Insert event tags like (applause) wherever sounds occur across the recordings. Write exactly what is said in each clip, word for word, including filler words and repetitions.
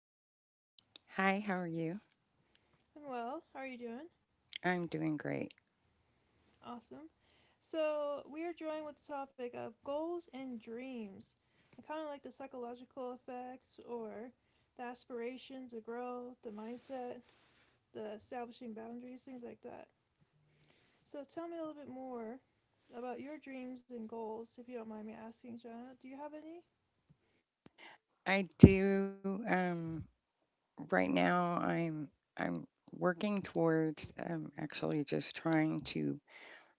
Hello, Shanna. Hi, how are you? I'm well. How are you doing? I'm doing great. Awesome. So, we are joined with the topic of goals and dreams, and kind of like the psychological effects or the aspirations, the growth, the mindset, the establishing boundaries, things like that. So, tell me a little bit more about your dreams and goals, if you don't mind me asking, Shanna. Do you have any? I do um right now I'm I'm working towards um actually just trying to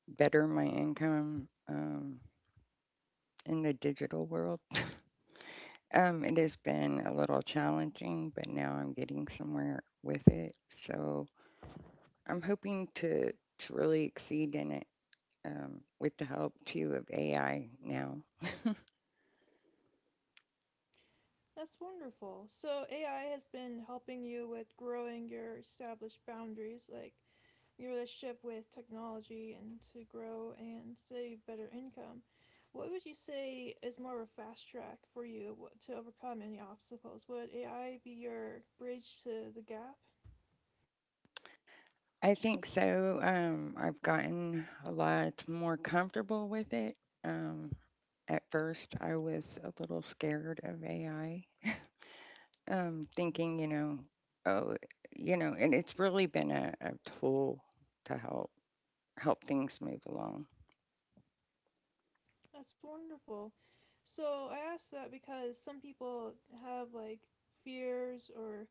better my income um in the digital world. (laughs) Um it has been a little challenging, but now I'm getting somewhere with it. So I'm hoping to to really exceed in it um with the help too of A I now. That's wonderful. So A I has been helping you with growing your established boundaries, like your relationship with technology and to grow and save better income. What would you say is more of a fast track for you wh- to overcome any obstacles? Would A I be your bridge to the gap? I think so. Um, I've gotten a lot more comfortable with it. Um, at first, I was a little scared of A I, um, thinking, you know, oh, you know, and it's really been a, a tool to help help things move along. That's wonderful. So I ask that because some people have like fears or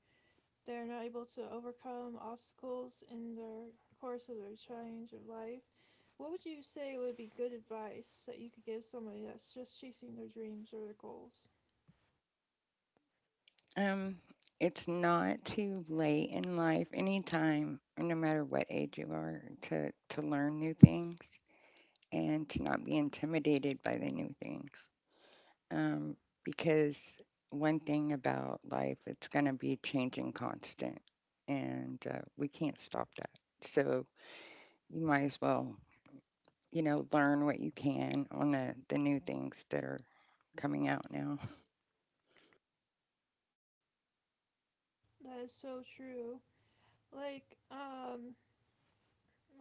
they are not able to overcome obstacles in their course of their change of life. What would you say would be good advice that you could give somebody that's just chasing their dreams or their goals? Um, it's not too late in life, anytime, no matter what age you are, to to learn new things and to not be intimidated by the new things. um, because one thing about life, it's going to be changing constant, and uh, we can't stop that. So you might as well, you know, learn what you can on the the new things that are coming out now. That is so true. Like, um,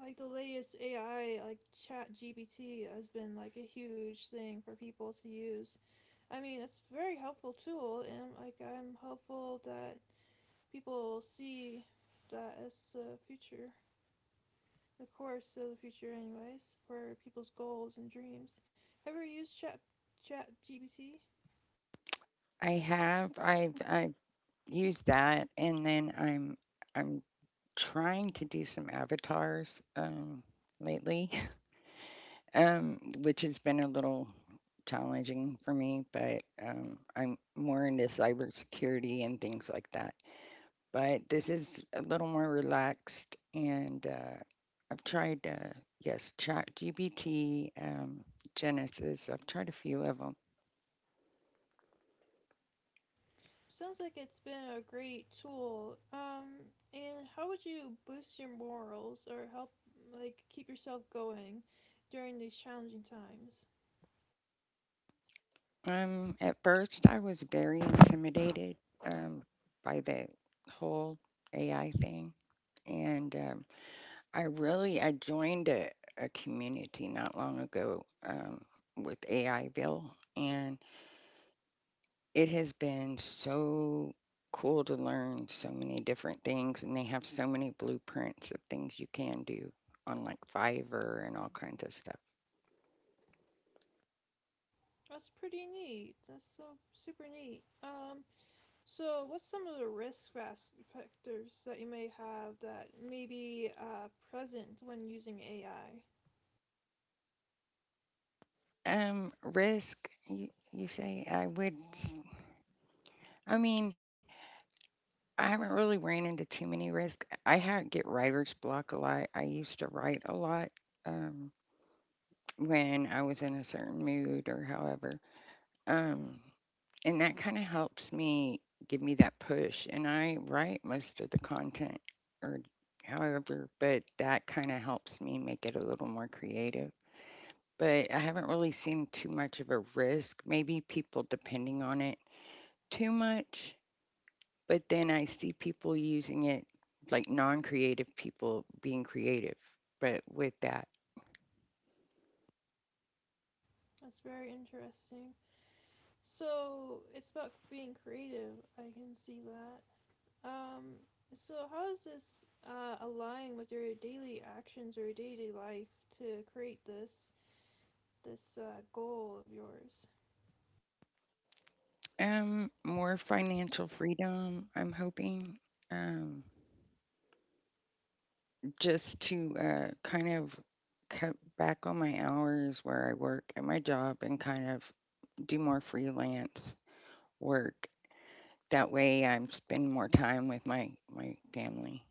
like the latest A I, like Chat G P T, has been like a huge thing for people to use. I mean, it's a very helpful tool, and like I'm hopeful that people see that as the future, the course of the future, anyways, for people's goals and dreams. Have you ever used Chat Chat G B T? I have, I've, I've used that, and then I'm, I'm trying to do some avatars um, lately, (laughs) um, which has been a little challenging for me, but um, I'm more into cybersecurity and things like that. But this is a little more relaxed, and uh, I've tried, uh, yes, ChatGPT, um, Genesis. I've tried a few of them. Sounds like it's been a great tool. Um, and how would you boost your morals or help like keep yourself going during these challenging times? Um, at first, I was very intimidated um, by the whole A I thing, and um, I really I joined a, a community not long ago um, with AIville, and it has been so cool to learn so many different things, and they have so many blueprints of things you can do on like Fiverr and all kinds of stuff. That's pretty neat. That's so super neat. Um, so what's some of the risk factors that you may have that may be uh, present when using A I? Um, risk, you, you say? I would. s- I mean, I haven't really ran into too many risks. I had get writer's block a lot. I used to write a lot um, when I was in a certain mood or however. Um, and that kind of helps me give me that push, and I write most of the content or however, but that kind of helps me make it a little more creative. But I haven't really seen too much of a risk, maybe people depending on it too much, but then I see people using it, like non-creative people being creative, but with that, That's very interesting. So it's about being creative. I can see that. Um, so how is this uh, aligning with your daily actions or your daily life to create this this uh, goal of yours? um more financial freedom I'm hoping, um just to uh, kind of cut back on my hours where I work at my job and kind of do more freelance work. That way, I'm spending more time with my my family.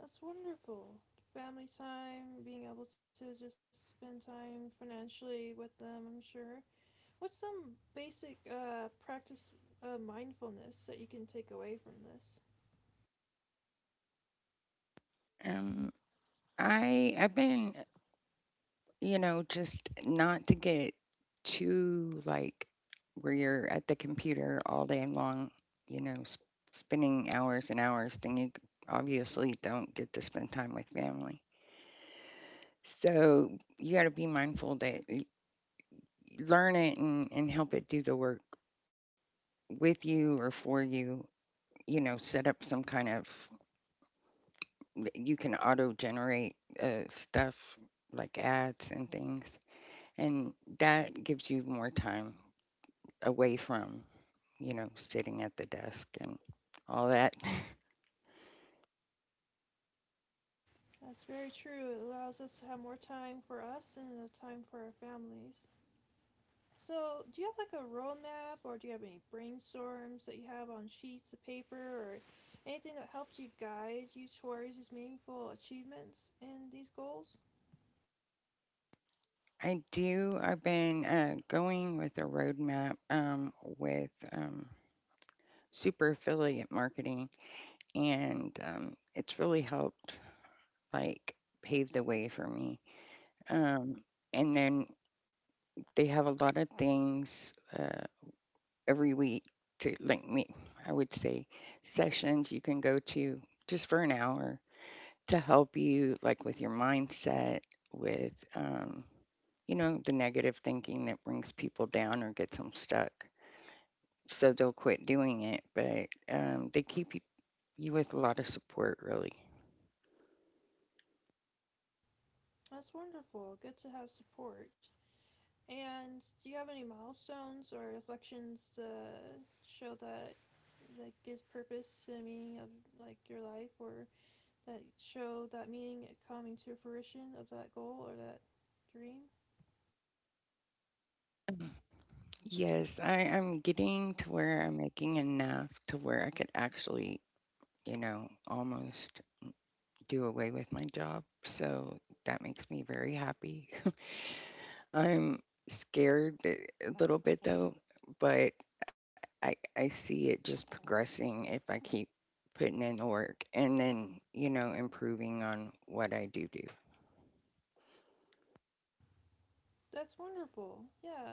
That's wonderful. Family time, being able to just spend time financially with them, I'm sure. What's some basic uh, practice uh, mindfulness that you can take away from this? Um, I I've been, you know, just not to get too like where you're at the computer all day long, you know, sp- spending hours and hours. Then you obviously don't get to spend time with family. So you got to be mindful that learn it and, and help it do the work with you or for you, you know, set up some kind of, you can auto generate uh, stuff like ads and things, and that gives you more time away from, you know, sitting at the desk and all that. That's very true. It allows us to have more time for us and time for our families. So, do you have like a roadmap or do you have any brainstorms that you have on sheets of paper or anything that helped you guide you towards these meaningful achievements and these goals? (laughs) I do, I've been uh, going with a roadmap, um, with um, super affiliate marketing, and um, it's really helped like pave the way for me. Um, and then they have a lot of things uh, every week to, like me, I would say, sessions you can go to just for an hour to help you like with your mindset, with um, you know, the negative thinking that brings people down or gets them stuck. So they'll quit doing it, but um, they keep you, you, with a lot of support really. That's wonderful. Good to have support. And do you have any milestones or reflections to show that, that gives purpose to the meaning of like your life or that show that meaning coming to fruition of that goal or that dream. Yes, I am getting to where I'm making enough to where I could actually, you know, almost do away with my job. So that makes me very happy. (laughs) I'm scared a a little bit though, but I, I see it just progressing if I keep putting in the work, and then, you know, improving on what I do do. That's wonderful. Yeah.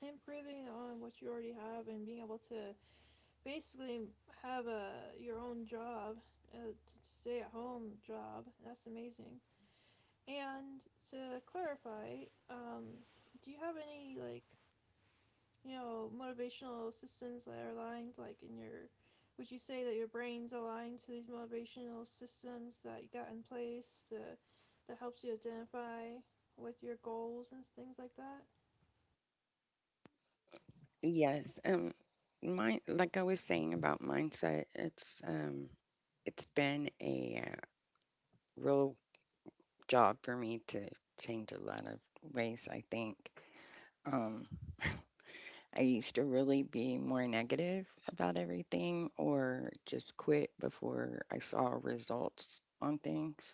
Improving on what you already have and being able to basically have a your own job, a stay at home job. That's amazing. And to clarify, um, do you have any like you know, motivational systems that are aligned, like in your, would you say that your brain's aligned to these motivational systems that you got in place to, that helps you identify with your goals and things like that? Yes. Um, my, like I was saying about mindset, it's, um, it's been a uh, real job for me to change a lot of ways, I think. Um, I used to really be more negative about everything or just quit before I saw results on things.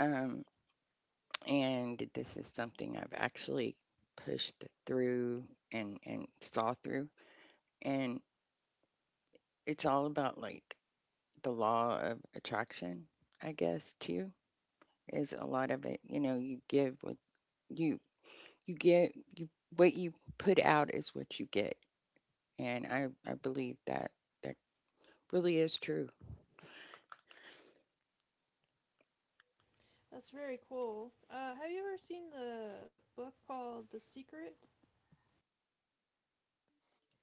Um, and this is something I've actually pushed through and, and saw through. And it's all about like the law of attraction, I guess, too, is a lot of it. You know, you give what you, you get, you, what you put out is what you get. And I, I believe that that really is true. That's very cool. Uh, have you ever seen the book called The Secret?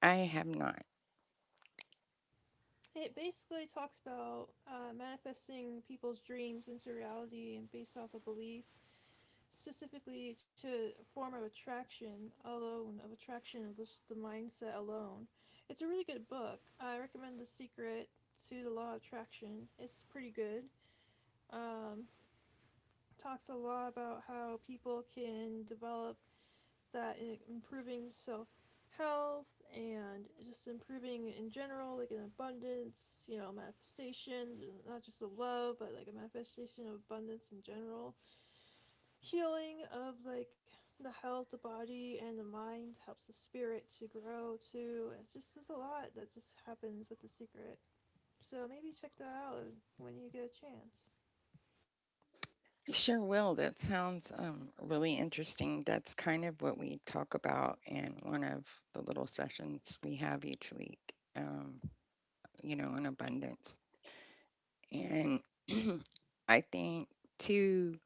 I have not. It basically talks about uh, manifesting people's dreams into reality and based off a belief specifically to a form of attraction alone, of attraction of just the mindset alone. It's a really good book. I recommend The Secret to the Law of Attraction. It's pretty good. Um, Talks a lot about how people can develop that in improving self health and just improving in general, like an abundance, you know, manifestation, not just of love, but like a manifestation of abundance in general, healing of like the health, the body, and the mind helps the spirit to grow too. It's just there's a lot that just happens with the secret. So maybe check that out when you get a chance. I sure will. That sounds um, really interesting. That's kind of what we talk about in one of the little sessions we have each week, um, you know, in abundance. And (clears throat) I think, too,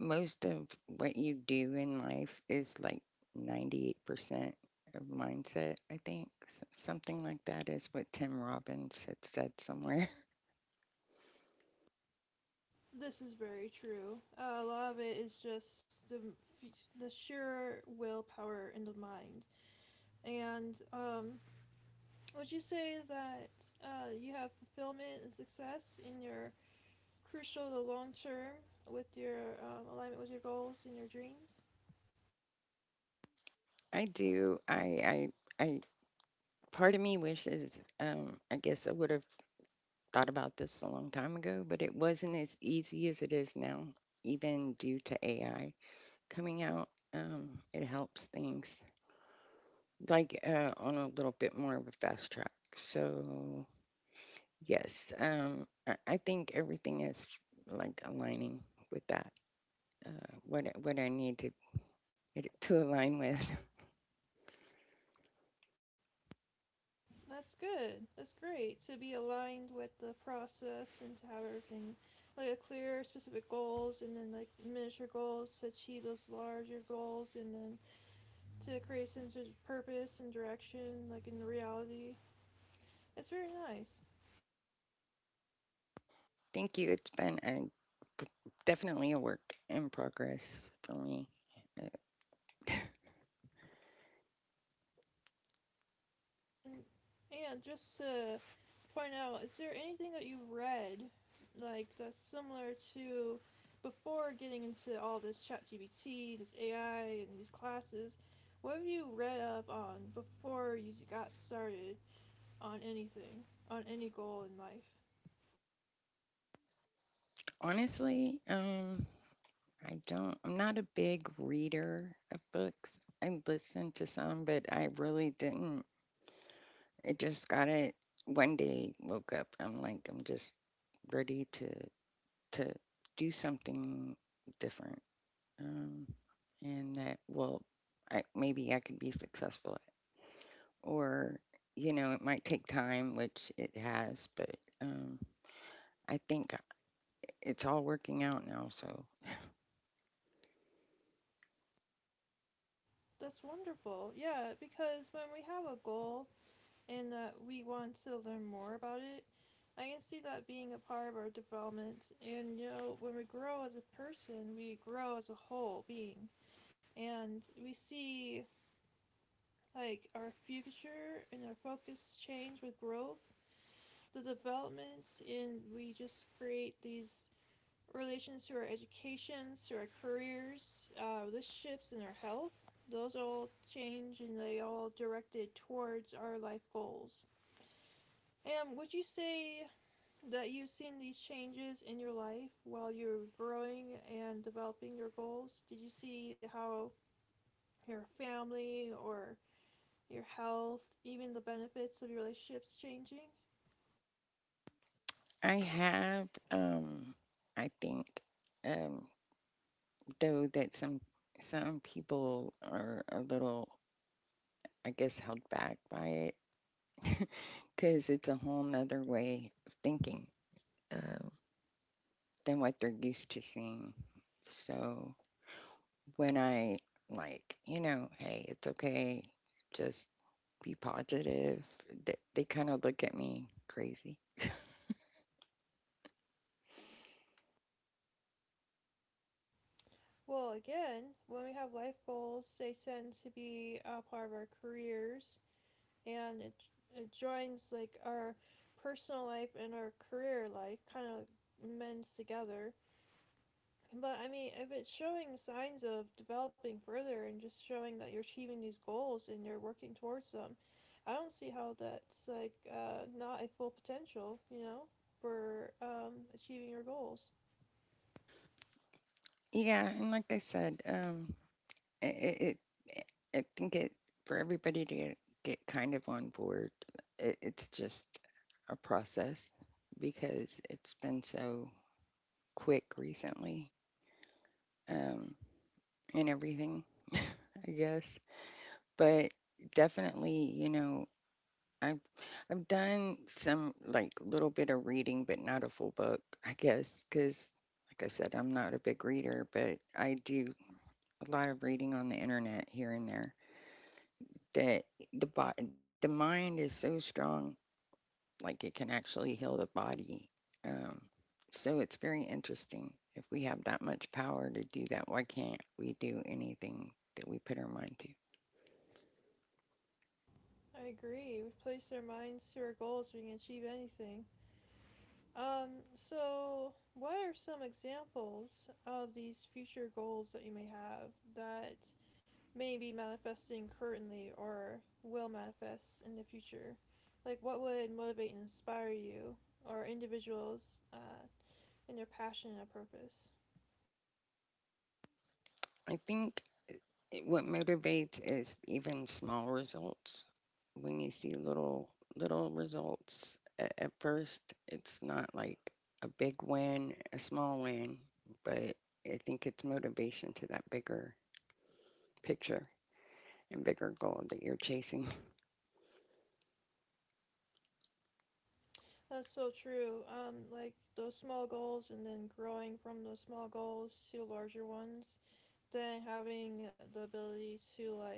most of what you do in life is like ninety-eight percent of mindset, I think. S- something like that is what Tim Robbins had said somewhere. This is very true. Uh, a lot of it is just the the sheer willpower in the mind. And um, would you say that uh, you have fulfillment and success in your crucial, the long term, with your um, alignment with your goals and your dreams? (laughs) I do. I, I, I Part of me wishes, um, I guess I would have thought about this a long time ago, but it wasn't as easy as it is now, even due to A I coming out. Um, it helps things like uh, on a little bit more of a fast track. So, yes, um, I, I think everything is like aligning with that, uh, what, I- what I need to, it, to align with. (laughs) That's good. That's great to be aligned with the process and to have everything like a clear, specific goals, and then like miniature goals to achieve those larger goals, and then to create a sense of purpose and direction, like in the reality. It's very nice. Thank you. It's been a, definitely a work in progress for me. And just to point out, is there anything that you've read, like that's similar to before getting into all this ChatGPT, this A I, and these classes? What have you read up on before you got started on anything, on any goal in life? Honestly, um, I don't, I'm not a big reader of books. I listened to some, but I really didn't. It just got it one day, woke up. I'm like, I'm just ready to to do something different. Um, and that, well, I maybe I could be successful at. Or, you know, it might take time, which it has, but um, I think it's all working out now. So That's wonderful. Yeah, because when we have a goal, and that we want to learn more about it. I can see that being a part of our development. And you know, when we grow as a person, we grow as a whole being. And we see like our future and our focus change with growth, the development, and we just create these relations to our educations, to our careers, uh, relationships, and our health. Those all change and they all directed towards our life goals. And would you say that you've seen these changes in your life while you're growing and developing your goals? Did you see how your family or your health, even the benefits of your relationships changing? I have, um, I think, um, though that some some people are a little, I guess, held back by it, (laughs) because it's a whole nother way of thinking um, than what they're used to seeing. So when I, like, you know, hey, it's okay, just be positive. They, they kind of look at me crazy. Well, again, when we have life goals, they tend to be a part of our careers and it, it joins like our personal life and our career life kind of mends together. But I mean, if it's showing signs of developing further and just showing that you're achieving these goals and you're working towards them, I don't see how that's like uh, not a full potential, you know, for um, achieving your goals. Yeah, and like I said, um, it, it, it I think it for everybody to get, get kind of on board. It, it's just a process because it's been so quick recently, um, and everything, (laughs) I guess. But definitely, you know, I've I've done some, like, little bit of reading, but not a full book, I guess, because like I said, I'm not a big reader, but I do a lot of reading on the internet here and there, that the bo- the mind is so strong, like it can actually heal the body. Um, so it's very interesting. If we have that much power to do that, why can't we do anything that we put our mind to? I agree. We place our minds to our goals, we can achieve anything. Um, so, what are some examples of these future goals that you may have that may be manifesting currently or will manifest in the future? Like, what would motivate and inspire you or individuals uh, in their passion and purpose? I think it- what motivates is even small results. When you see little little results at, at first, it's not like a big win, a small win, but I think it's motivation to that bigger picture and bigger goal that you're chasing. That's so true. Um, like those small goals and then growing from those small goals to larger ones, then having the ability to like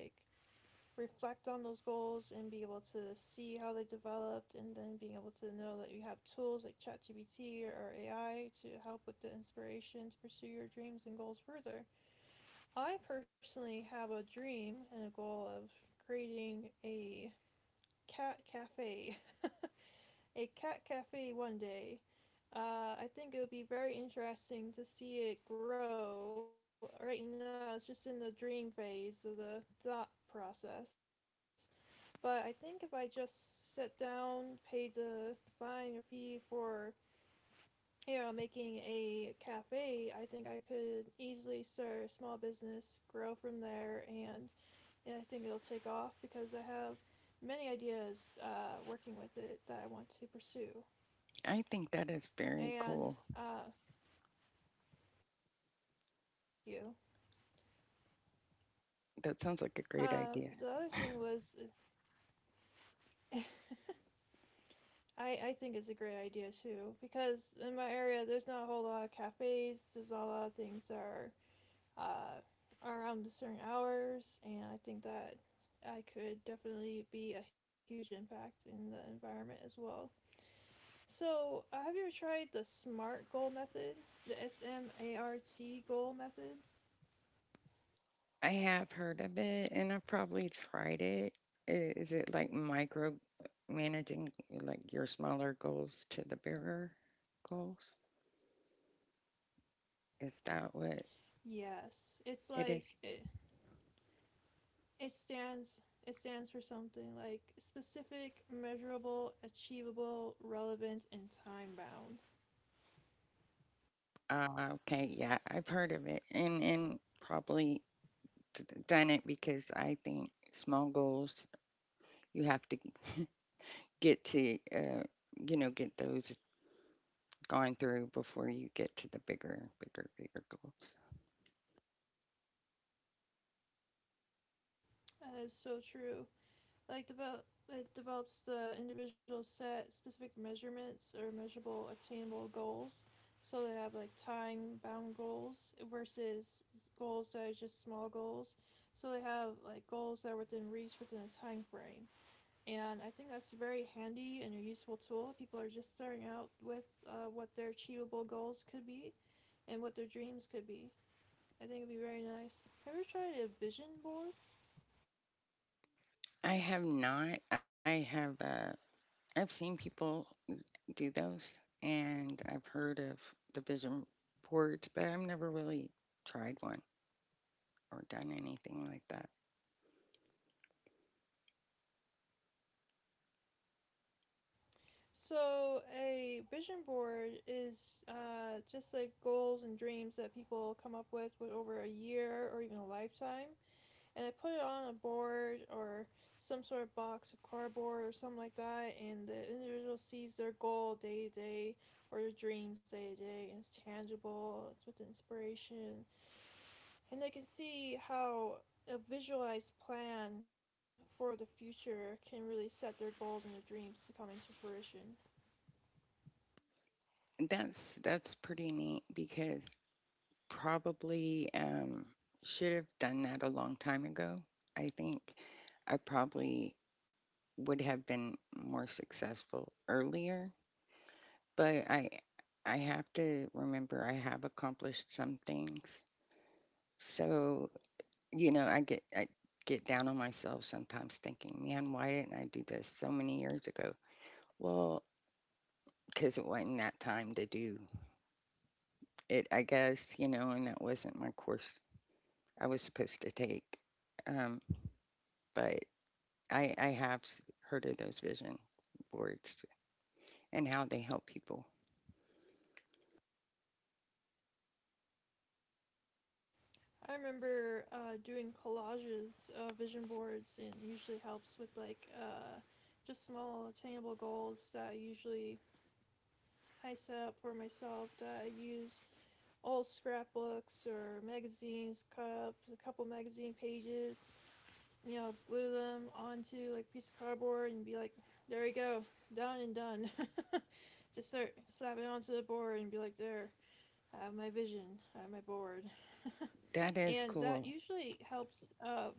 reflect on those goals and be able to see how they developed and then being able to know that you have tools like ChatGPT or A I to help with the inspiration to pursue your dreams and goals further. I personally have a dream and a goal of creating a cat cafe. (laughs) A cat cafe one day. Uh, I think it would be very interesting to see it grow. Right now, it's just in the dream phase of the thought process. But I think if I just sit down, pay the fine or fee for you know making a cafe, I think I could easily start a small business, grow from there, and and I think it'll take off because I have many ideas uh, working with it that I want to pursue. I think that is very And cool. uh, thank you. That sounds like a great idea. Um, the other thing was, I, I think it's a great idea too because in my area there's not a whole lot of cafes. There's not a lot of things that are uh, around certain hours, and I think that I could definitely be a huge impact in the environment as well. So, uh, have you ever tried the SMART goal method? The S M A R T goal method? I have heard of it, and I've probably tried it. I- Is it like micro managing like your smaller goals to the bigger goals? Is that what Yes, it's it like is? it, it stands it stands for something like specific, measurable, achievable, relevant, and time bound. Uh, okay, yeah, I've heard of it, and and probably d- done it, because I think small goals you have to (laughs) get to, uh, you know, get those gone through before you get to the bigger, bigger, bigger goals. That is so true. Like develop it develops the individual set specific measurements or measurable attainable goals. So they have like time bound goals versus goals that are just small goals. So they have like goals that are within reach within a time frame. And I think that's a very handy and a useful tool. People are just starting out with uh, what their achievable goals could be and what their dreams could be. I think it'd be very nice. Have you ever tried a vision board? I have not. I have. Uh, I've seen people do those, and I've heard of the vision boards, but I've never really tried one or done anything like that. So, a vision board is uh, just like goals and dreams that people come up with, with over a year or even a lifetime. And they put it on a board or some sort of box of cardboard or something like that. And the individual sees their goal day to day or their dreams day to day. And it's tangible, it's with inspiration. And they can see how a visualized plan for the future can really set their goals and their dreams to come into fruition. That's that's pretty neat because probably um, should have done that a long time ago. I think I probably would have been more successful earlier, but I I have to remember I have accomplished some things. So, you know, I get I get down on myself sometimes thinking, man, why didn't I do this so many years ago? Well, because it wasn't that time to do it, I guess, you know, and that wasn't my course I was supposed to take. Um, but I, I have s- heard of those vision boards and how they help people. I remember uh, doing collages of vision boards, and it usually helps with like uh, just small attainable goals that I usually I set up for myself. That I use old scrapbooks or magazines, cut up a couple magazine pages, you know, glue them onto like a piece of cardboard and be like, there you go, done and done. (laughs) Just start slapping onto the board and be like, there, I have my vision, I have my board, That is and cool. that usually helps. Uh,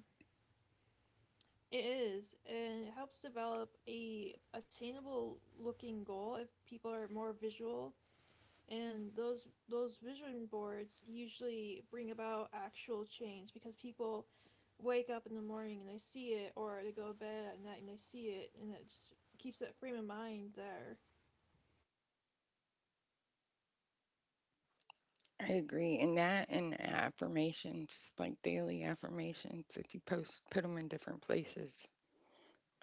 It is, and it helps develop a attainable looking goal if people are more visual, and those those vision boards usually bring about actual change because people wake up in the morning and they see it, or they go to bed at night and they see it, and it just keeps that frame of mind there. I agree. And that and affirmations, like daily affirmations, if you post, put them in different places,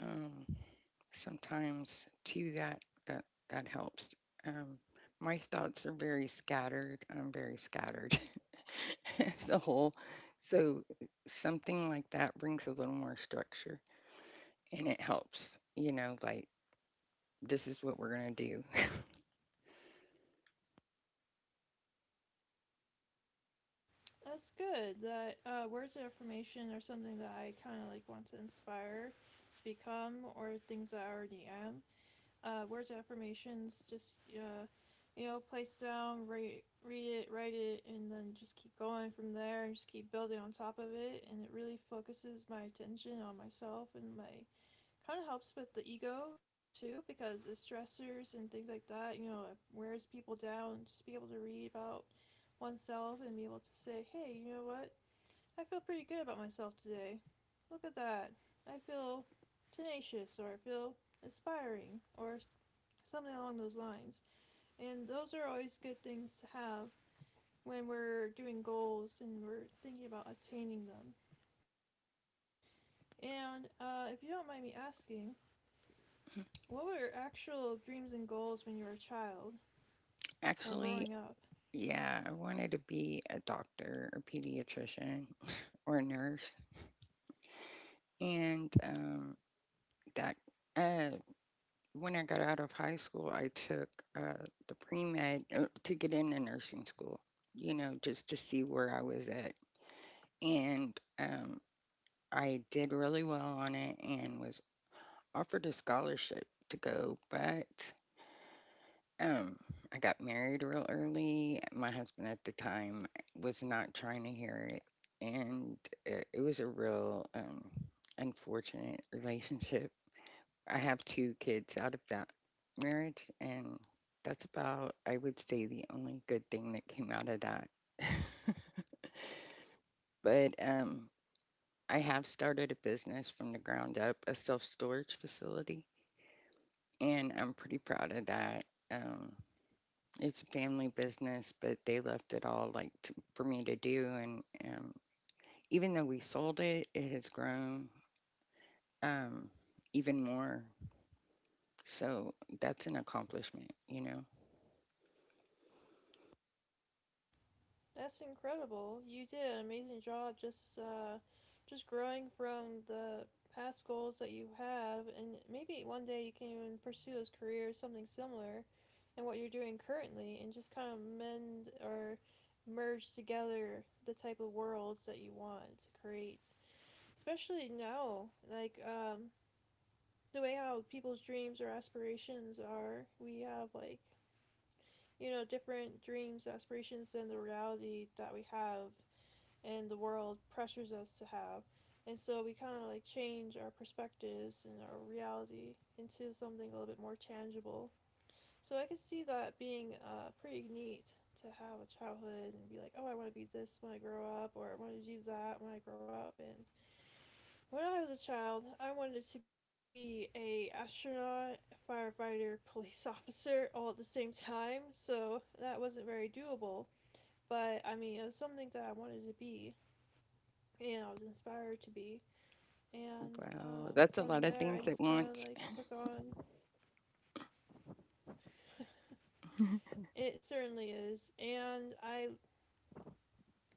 um, sometimes too, that, that, that helps. Um, my thoughts are very scattered. I'm very scattered (laughs) as a whole. So something like that brings a little more structure, and it helps, you know, like this is what we're going to do. That's good. That uh, Words of affirmation are something that I kind of like want to inspire to become, or things that I already am. Uh, words of affirmations. Just uh, you know, place down, re- read it, write it, and then just keep going from there. And just keep building on top of it, and it really focuses my attention on myself and my kind of helps with the ego too because the stressors and things like that. You know, it wears people down. Just be able to read about oneself and be able to say, hey, you know what? I feel pretty good about myself today. Look at that. I feel tenacious or I feel inspiring or something along those lines. And those are always good things to have when we're doing goals and we're thinking about attaining them. And uh, if you don't mind me asking, what were your actual dreams and goals when you were a child (laughs) or Actually, growing up? yeah, I wanted to be a doctor or pediatrician or a nurse. And um, that, uh, when I got out of high school, I took uh, the pre med, uh, to get into nursing school, you know, just to see where I was at. And um, I did really well on it and was offered a scholarship to go, but. Um, I got married real early. My husband at the time was not trying to hear it, and it, it was a real um, unfortunate (laughs) relationship. I have two kids out of that marriage, and that's about, I would say, the only good thing that came out of that. (laughs) But um, I have started a business from the ground up, a self storage facility, and I'm pretty proud of that. Um, it's a family business, but they left it all, like, to, for me to do, and um, even though we sold it, it has grown, um, even more. So that's an accomplishment, you know. That's incredible. You did an amazing job just uh, just growing from the past goals that you have, and maybe one day you can even pursue those careers, something similar, and what you're doing currently, and just kind of mend or merge together the type of worlds that you want to create. Especially now, like um, the way how people's dreams or aspirations are, we have like you know different dreams, aspirations than the reality that we have and the world pressures us to have. And so we kind of like change our perspectives and our reality into something a little bit more tangible. So I could see that being uh, pretty neat to have a childhood and be like, oh, I want to be this when I grow up, or I want to do that when I grow up. And when I was a child, I wanted to be a astronaut, a firefighter, (laughs) police officer all at the same time. So that wasn't very doable. But I mean, it was something that I wanted to be and I was inspired to be. And Wow, um, that's a from lot of there, I things at just kind of once. like took on. (laughs) It certainly is, and I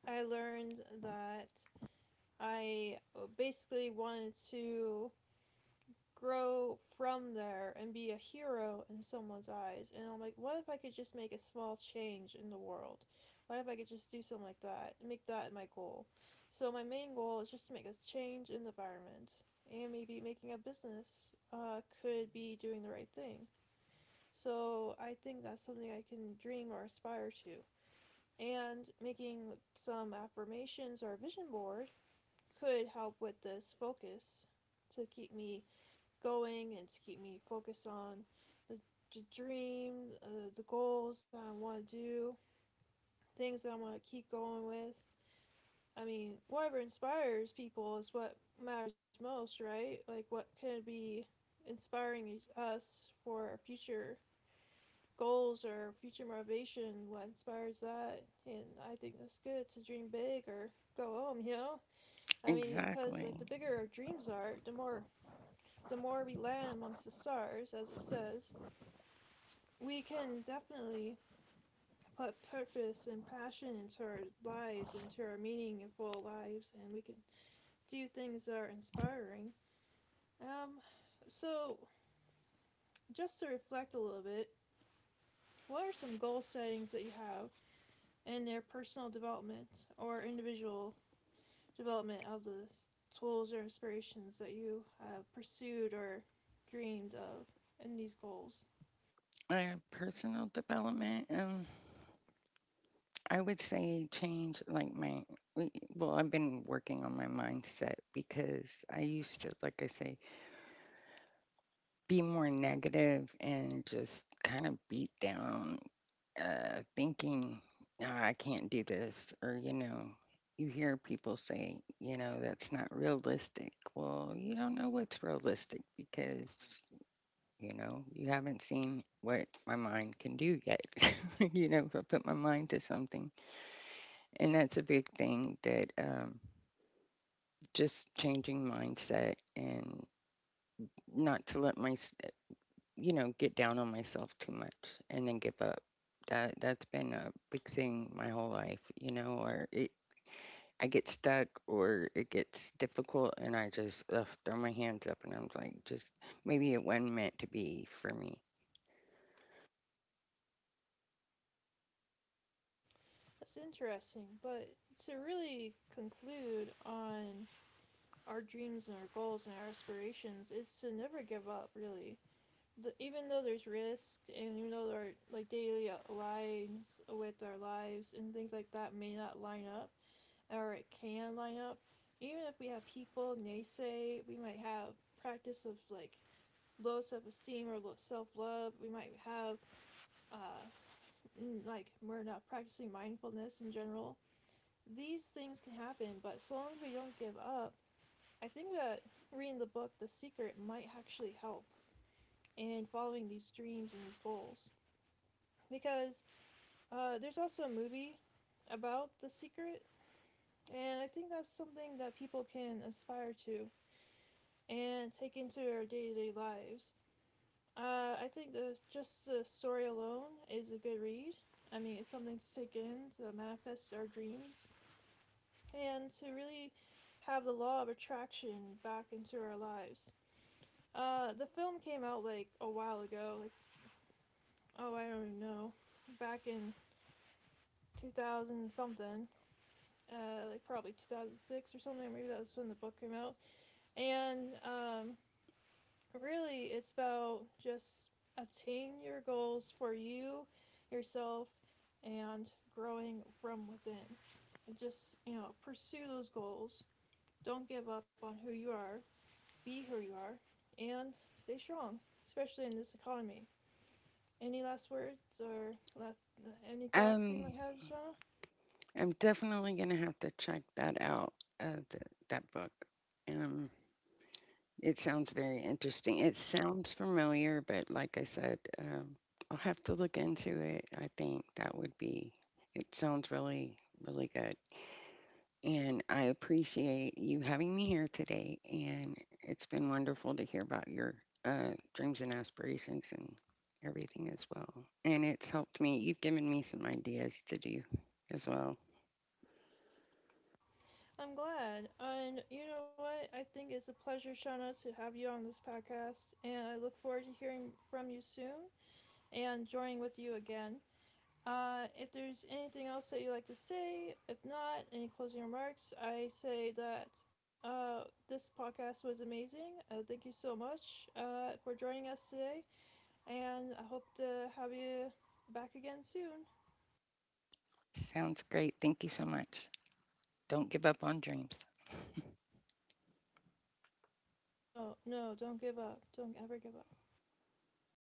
I learned that I uh, basically wanted to grow from there and be a hero in someone's eyes. And I'm like, what if I could just make a small change in the world? What if I could just do something like that and make that my goal? So my main goal is just to make a change in the environment, and maybe making a business uh, could be doing the right thing. So I think that's something I can dream or aspire to. And making some affirmations or a vision board could help with this focus to keep me going and to keep me focused on the, the dream, uh, the goals that I want to do, things that I want to keep going with. I mean, whatever inspires people is what matters most, right? Like, what could be inspiring us for our future goals or future motivation, what inspires that. And I think that's good to dream big or go home, you know? I mean, because Exactly. like the bigger our dreams are, the more the more we land amongst the stars, as it says, we can definitely put purpose and passion into our lives, into our meaningful lives, and we can do things that are inspiring. Um, so just to reflect a little bit, what are some goal settings that you have and their personal development or individual development of the tools or aspirations that you have pursued or dreamed of in these goals. Uh, personal development, um, I would say change like my, we- well, I've been working on my mindset because I used to, like I say, be more negative and just kind of beat down, uh, thinking, "Ah, I can't do this, or, you know, you hear people say, you know, that's not realistic." Well, you don't know what's realistic because, you know, you haven't seen what my mind can do yet. (laughs) You know, if I put my mind to something, and that's a big thing that, um, just changing mindset and not to let my, you know, get down on myself too much and then give up. That that's been a big thing my whole life. You know, or it, I get stuck or it gets difficult, and I just ugh, throw my hands up, and I'm like, just maybe it wasn't meant to be for me. That's interesting, but to really conclude on our dreams and our goals and our aspirations is to never give up, really. The, even though there's risk and even though our like daily lines with our lives and things like that may not line up, or it can line up. Even if we have people naysay, we might have practice of like low self esteem or low self love. We might have uh, mm, like we're not practicing mindfulness in general. These things can happen, but so long as we don't give up, I think that reading the book The Secret might actually help in following these dreams and these goals. Because uh, there's also a movie about The Secret, and I think that's something that people can aspire to. And take into our day to day lives. Uh, I think the just the story alone is a good read. I mean, it's something to take in to manifest our dreams and to really have the law of attraction back into our lives. Uh, the film came out like a while ago, like oh I don't even know, back in two thousand something, uh, like probably two thousand six or something. Maybe that was when the book came out. And um, really, it's about just obtaining your goals for you, yourself, and growing from within. And just, you know, pursue those goals. Don't give up on who you are, be who you are, and stay strong, especially in this economy. Any last words or last, any thoughts that you Um, might have, Shauna? I'm definitely going to have to check that out, uh, th- that book. Um, it sounds very interesting. It sounds familiar, but like I said, um, I'll have to look into it. I think that would be, it sounds really, really good. And I appreciate you having me here today. And it's been wonderful to hear about your uh, dreams and aspirations and everything as well. And it's helped me. You've given me some ideas to do as well. I'm glad. And you know what? I think it's a pleasure, Shauna, to have you on this podcast. And I look forward to hearing from you soon. And joining with you again. Uh, if there's anything else that you like to say, if not, any closing remarks, I say that uh, this podcast was amazing. Uh, thank you so much uh, for joining us today, and I hope to have you back again soon. Sounds great. Thank you so much. Don't give up on dreams. Oh, no, don't give up. Don't ever give up.